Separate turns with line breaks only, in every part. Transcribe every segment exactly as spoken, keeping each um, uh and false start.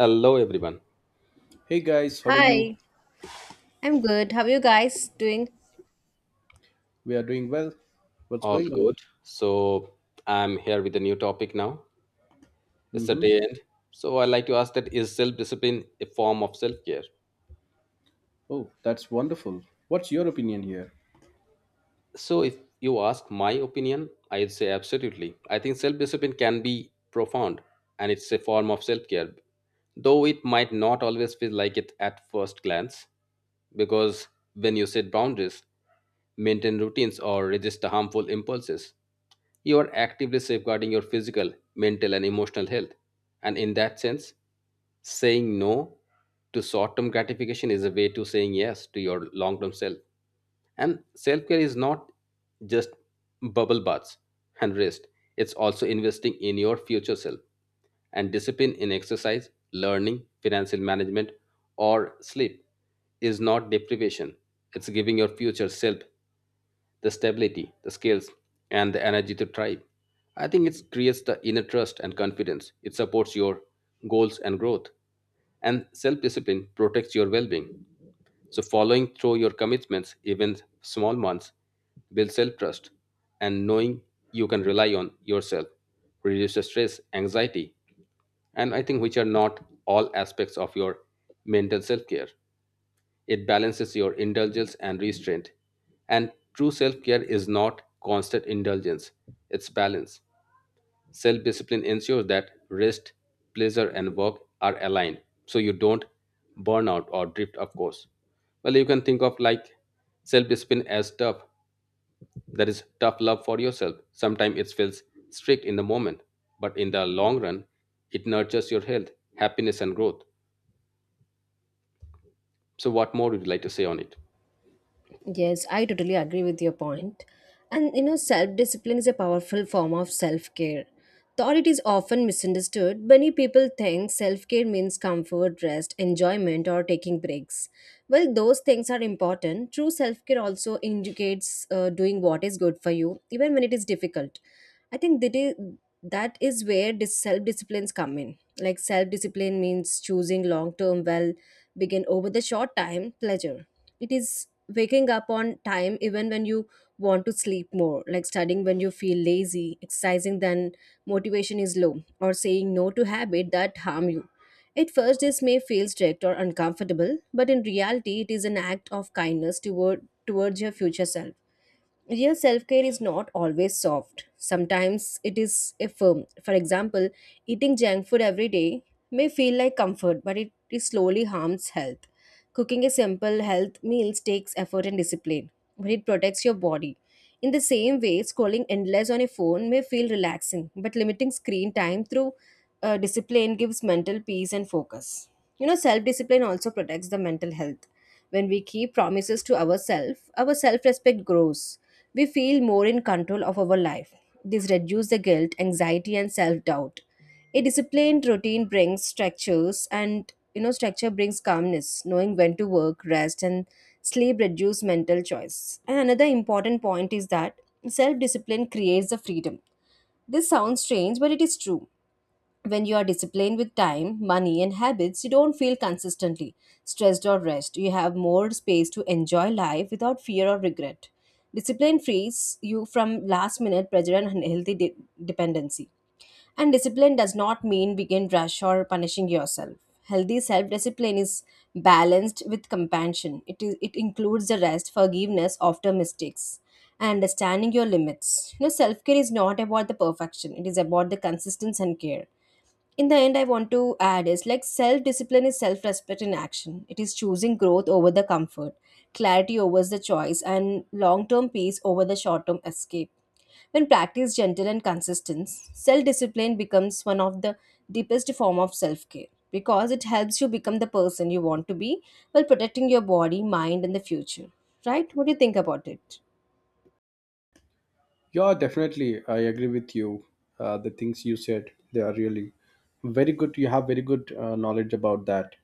Hello, everyone.
Hey guys, how are you?
Hi, I'm good. How are you guys doing?
We are doing well. What's
All
going on?
good. So I'm here with a new topic now. It's the
Mm-hmm.
day end. So I like to ask, that is self discipline a form of self care?
Oh, that's wonderful. What's your opinion here?
So if you ask my opinion, I'd say absolutely. I think self discipline can be profound and it's a form of self care, though it might not always feel like it at first glance, because when you set boundaries, maintain routines, or resist harmful impulses, you are actively safeguarding your physical, mental, and emotional health. And in that sense, saying no to short term gratification is a way to saying yes to your long term self. And self care is not just bubble baths and rest, it's also investing in your future self, and discipline in exercise, learning, financial management, or sleep is not deprivation. It's giving your future self the stability, the skills, and the energy to thrive. I think it creates the inner trust and confidence. It supports your goals and growth. And self discipline protects your well being. So, following through your commitments, even small ones, builds self trust. And knowing you can rely on yourself reduces stress, anxiety, and I think which are not all aspects of your mental self care. It balances your indulgence and restraint. And true self care is not constant indulgence, it's balance. Self discipline ensures that rest, pleasure, and work are aligned so you don't burn out or drift, of course. Well, you can think of like self discipline as tough. That is tough love for yourself. Sometimes it feels strict in the moment, but in the long run, it nurtures your health, happiness, and growth. So, what more would you like to say on it?
Yes, I totally agree with your point. And you know, self discipline is a powerful form of self care. Though it is often misunderstood, many people think self care means comfort, rest, enjoyment, or taking breaks. Well, those things are important, true self care also indicates uh, doing what is good for you, even when it is difficult. I think that is, that is where self disciplines come in. Like self discipline means choosing long term well, begin over the short time pleasure. It is waking up on time even when you want to sleep more, like studying when you feel lazy, exercising then motivation is low, or saying no to habit that harm you. At first this may feel strict or uncomfortable, but in reality it is an act of kindness toward towards your future self. Real self care is not always soft. Sometimes it is a firm. For example, eating junk food every day may feel like comfort, but it, it slowly harms health. Cooking a simple health meals takes effort and discipline, but it protects your body. In the same way, scrolling endless on a phone may feel relaxing, but limiting screen time through uh, discipline gives mental peace and focus. You know, self discipline also protects the mental health. When we keep promises to ourselves, our self respect grows. We feel more in control of our life. This reduces the guilt, anxiety, and self doubt. A disciplined routine brings structures, and you know, structure brings calmness. Knowing when to work, rest, and sleep reduce mental choice. And another important point is that self-discipline creates the freedom. This sounds strange, but it is true. When you are disciplined with time, money, and habits, you don't feel consistently stressed or rest. You have more space to enjoy life without fear or regret. Discipline frees you from last minute pressure and unhealthy de- dependency. And discipline does not mean begin rash or punishing yourself. Healthy self-discipline is balanced with compassion. It is it includes the rest, forgiveness after mistakes, and understanding your limits. You know, self-care is not about the perfection. It is about the consistency and care. In the end, I want to add is, like, self discipline is self respect in action. It is choosing growth over the comfort, clarity over the choice, and long term peace over the short term escape. When practiced gentle and consistent, self discipline becomes one of the deepest form of self care, because it helps you become the person you want to be while protecting your body, mind, and the future. Right, what do you think about it?
Yeah, definitely. I agree with you. Uh, the things you said, they are really very good. You have very good uh, knowledge about that.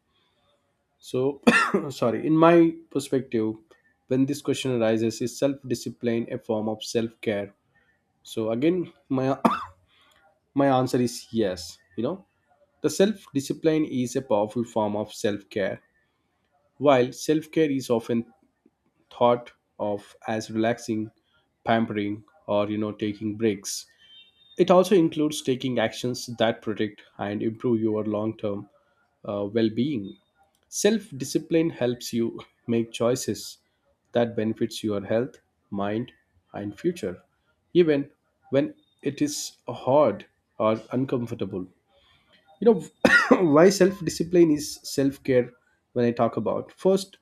So, sorry. In my perspective, when this question arises, is self-discipline a form of self-care? So again, my my answer is yes. You know, the self-discipline is a powerful form of self-care. While self care is often thought of as relaxing, pampering, or you know taking breaks. It also includes taking actions that protect and improve your long-term uh, well-being. Self-discipline helps you make choices that benefits your health, mind, and future, even when it is hard or uncomfortable. You know, why self-discipline is self-care when I talk about. First,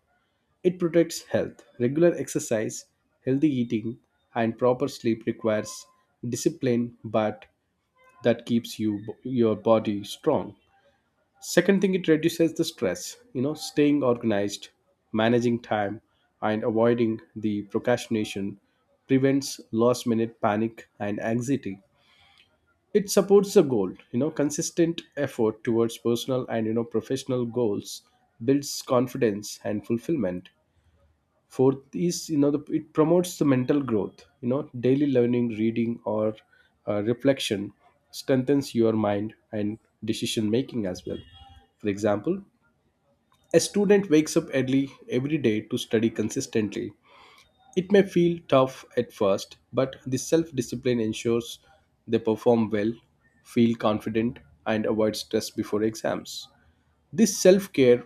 it protects health. Regular exercise, healthy eating, and proper sleep requires discipline, but that keeps you your body strong. Second thing, it reduces the stress. You know, staying organized, managing time, and avoiding the procrastination prevents last-minute panic and anxiety. It supports the goal. You know, consistent effort towards personal and you know professional goals builds confidence and fulfillment. Fourth is, you know, the, it promotes the mental growth. You know, daily learning, reading, or uh, reflection strengthens your mind and decision making as well. For example, a student wakes up early every day to study consistently. It may feel tough at first, but this self discipline ensures they perform well, feel confident, and avoid stress before exams. This self care,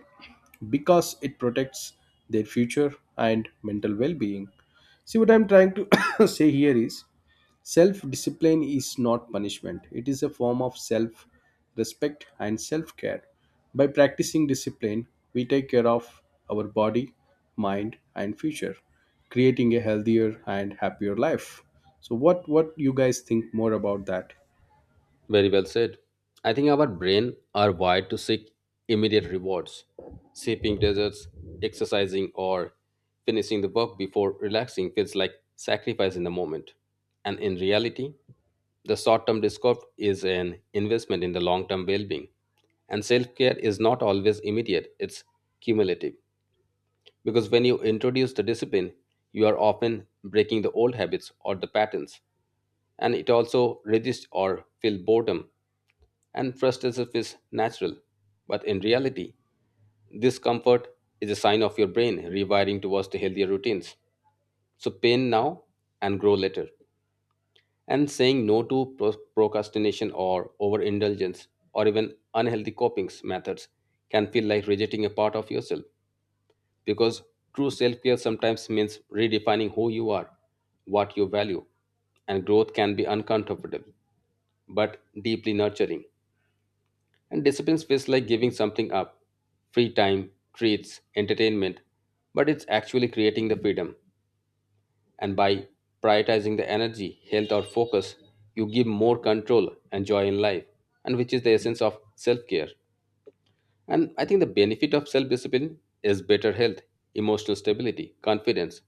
because it protects their future and mental well being. See, what I'm trying to say here is self discipline is not punishment, it is a form of self respect and self care. By practicing discipline, we take care of our body, mind, and future, creating a healthier and happier life. So, what what you guys think more about that?
Very well said. I think our brain are wired to seek immediate rewards, sipping desserts, exercising, or finishing the work before relaxing feels like sacrifice in the moment. And in reality, the short-term discomfort is an investment in the long-term well-being. And self-care is not always immediate; it's cumulative. Because when you introduce the discipline, you are often breaking the old habits or the patterns, and it also resist or feel boredom and trust as is natural. But in reality, this comfort is a sign of your brain rewiring towards the healthier routines. So pain now and grow later. And saying no to pro- procrastination or overindulgence or even unhealthy coping methods can feel like rejecting a part of yourself, because true self care sometimes means redefining who you are, what you value, and growth can be uncomfortable but deeply nurturing. And discipline feels like giving something up, free time, treats, entertainment, but it's actually creating the freedom. And by prioritizing the energy, health, or focus, you give more control and joy in life, and which is the essence of self care. And I think the benefit of self discipline is better health, emotional stability, confidence,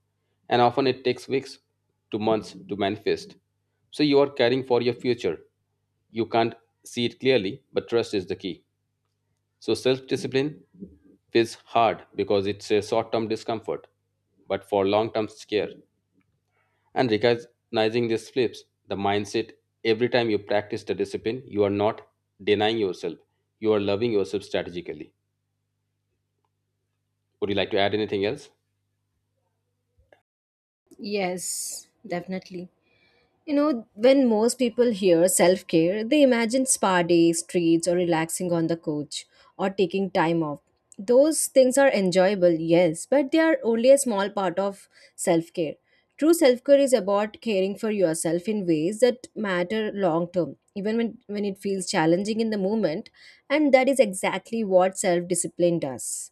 and often it takes weeks to months to manifest. So you are caring for your future. You can't see it clearly, but trust is the key. So self discipline feels hard because it's a short term discomfort, but for long term care. And recognizing these flips, the mindset, every time you practice the discipline, you are not denying yourself, you are loving yourself strategically. Would you like to add anything else?
Yes, definitely. You know, when most people hear self care, they imagine spa days, treats, or relaxing on the couch or taking time off. Those things are enjoyable, yes, but they are only a small part of self care. True self care is about caring for yourself in ways that matter long term, even when, when it feels challenging in the moment, and that is exactly what self discipline does.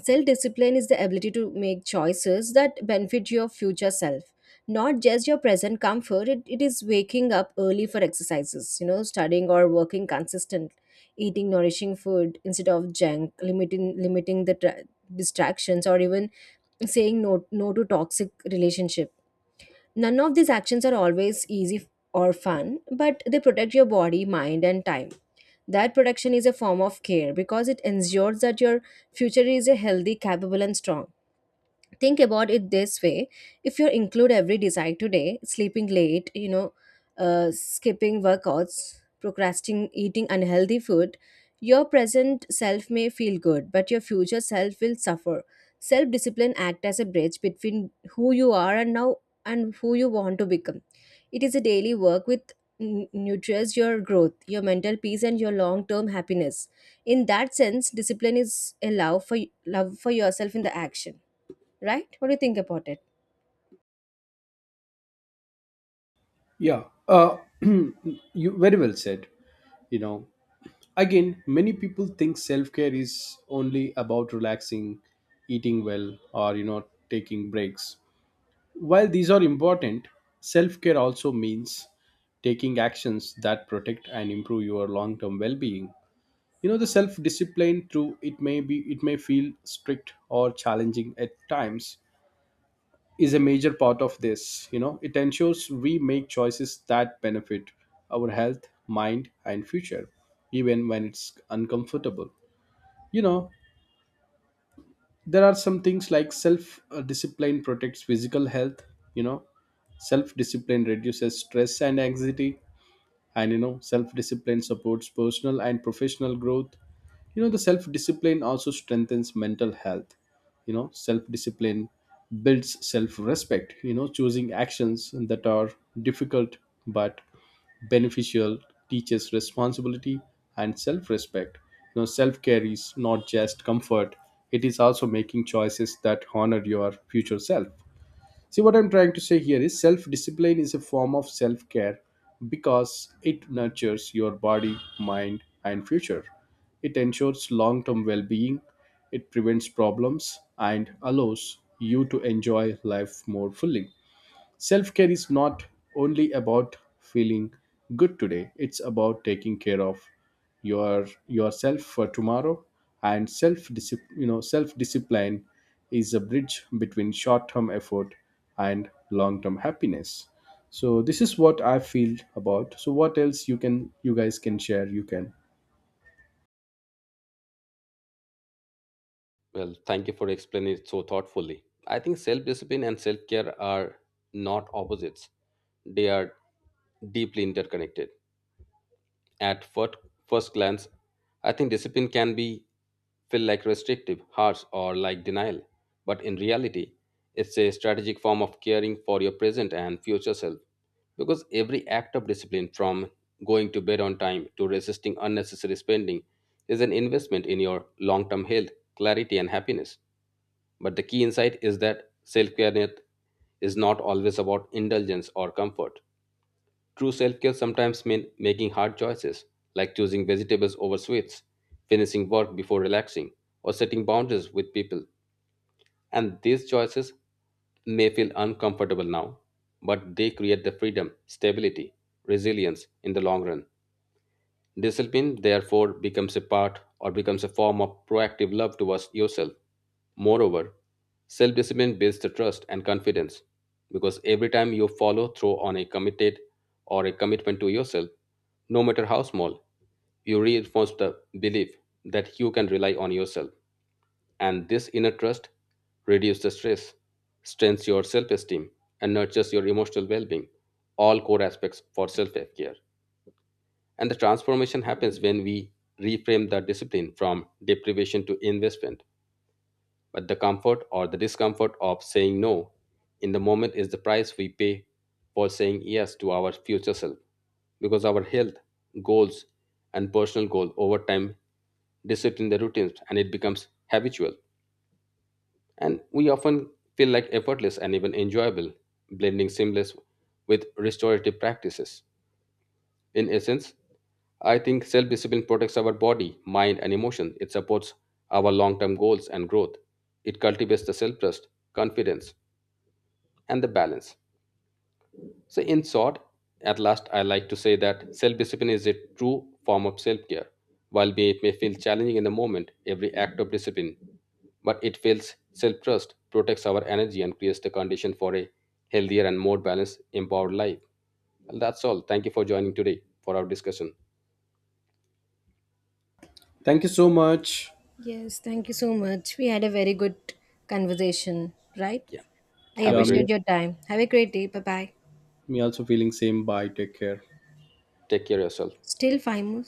Self discipline is the ability to make choices that benefit your future self, not just your present comfort. It, it is waking up early for exercises, you know, studying or working consistent, eating nourishing food instead of junk, limiting limiting the tra- distractions, or even saying no no to toxic relationship. None of these actions are always easy or fun, but they protect your body, mind, and time. That protection is a form of care because it ensures that your future is a healthy, capable, and strong. Think about it this way: if you include every desire today, sleeping late, you know, uh, skipping workouts, procrastinating, eating unhealthy food, your present self may feel good, but your future self will suffer. Self discipline act as a bridge between who you are and now and who you want to become. It is a daily work with n- nurtures your growth, your mental peace, and your long term happiness. In that sense, discipline is a love for love for yourself in the action. Right? What do you think about it?
Yeah, uh, you very well said. You know, again, many people think self-care is only about relaxing, eating well, or you know, taking breaks. While these are important, self-care also means taking actions that protect and improve your long-term well-being. You know, the self-discipline, through it may be it may feel strict or challenging at times, is a major part of this. You know, it ensures we make choices that benefit our health, mind, and future, even when it's uncomfortable. You know, there are some things like self uh, discipline protects physical health. You know, self discipline reduces stress and anxiety, and you know self discipline supports personal and professional growth. You know, the self discipline also strengthens mental health. You know, self discipline builds self respect. You know, choosing actions that are difficult but beneficial teaches responsibility and self respect. You know, self care is not just comfort, it is also making choices that honor your future self. See, what I'm trying to say here is self discipline is a form of self care because it nurtures your body, mind, and future. It ensures long term well being, it prevents problems, and allows you to enjoy life more fully. Self care is not only about feeling good today, it's about taking care of your yourself for tomorrow. And self, you know, self discipline is a bridge between short term effort and long term happiness. So this is what I feel about. So what else you can, you guys can share, you can
Well, thank you for explaining it so thoughtfully. I think self discipline and self care are not opposites, they are deeply interconnected. At fir- first glance, I think discipline can be feel like restrictive, harsh, or like denial. But in reality, it's a strategic form of caring for your present and future self. Because every act of discipline, from going to bed on time to resisting unnecessary spending, is an investment in your long term health, clarity, and happiness. But the key insight is that self care is not always about indulgence or comfort. True self care sometimes means making hard choices, like choosing vegetables over sweets, finishing work before relaxing, or setting boundaries with people. And these choices may feel uncomfortable now, but they create the freedom, stability, resilience in the long run. Discipline, therefore, becomes a part or becomes a form of proactive love towards yourself. Moreover, self discipline builds the trust and confidence because every time you follow through on a committed or a commitment to yourself, no matter how small, you reinforce the belief that you can rely on yourself. And this inner trust reduces the stress, strengthens your self esteem, and nurtures your emotional well being, all core aspects for self care. And the transformation happens when we reframe the discipline from deprivation to investment. But the comfort or the discomfort of saying no in the moment is the price we pay for saying yes to our future self. Because our health, goals, and personal goal over time discipline the routines and it becomes habitual. And we often feel like effortless and even enjoyable, blending seamless with restorative practices. In essence, I think self discipline protects our body, mind, and emotion. It supports our long term goals and growth. It cultivates the self trust, confidence, and the balance. So, in short, at last, I like to say that self discipline is a true form of self care. While may- it may feel challenging in the moment, every act of discipline, but it builds self trust, protects our energy, and creates the condition for a healthier and more balanced, empowered life. Well, that's all. Thank you for joining today for our discussion.
thank you so much.
Yes, thank you so much. We had a very good conversation, right?
Yeah.
I
Have a
Yeah,
great.
me,
appreciate your time. Have a great day. Bye bye.
me also feeling same. Bye, take care.
Take care of yourself.
Still five more.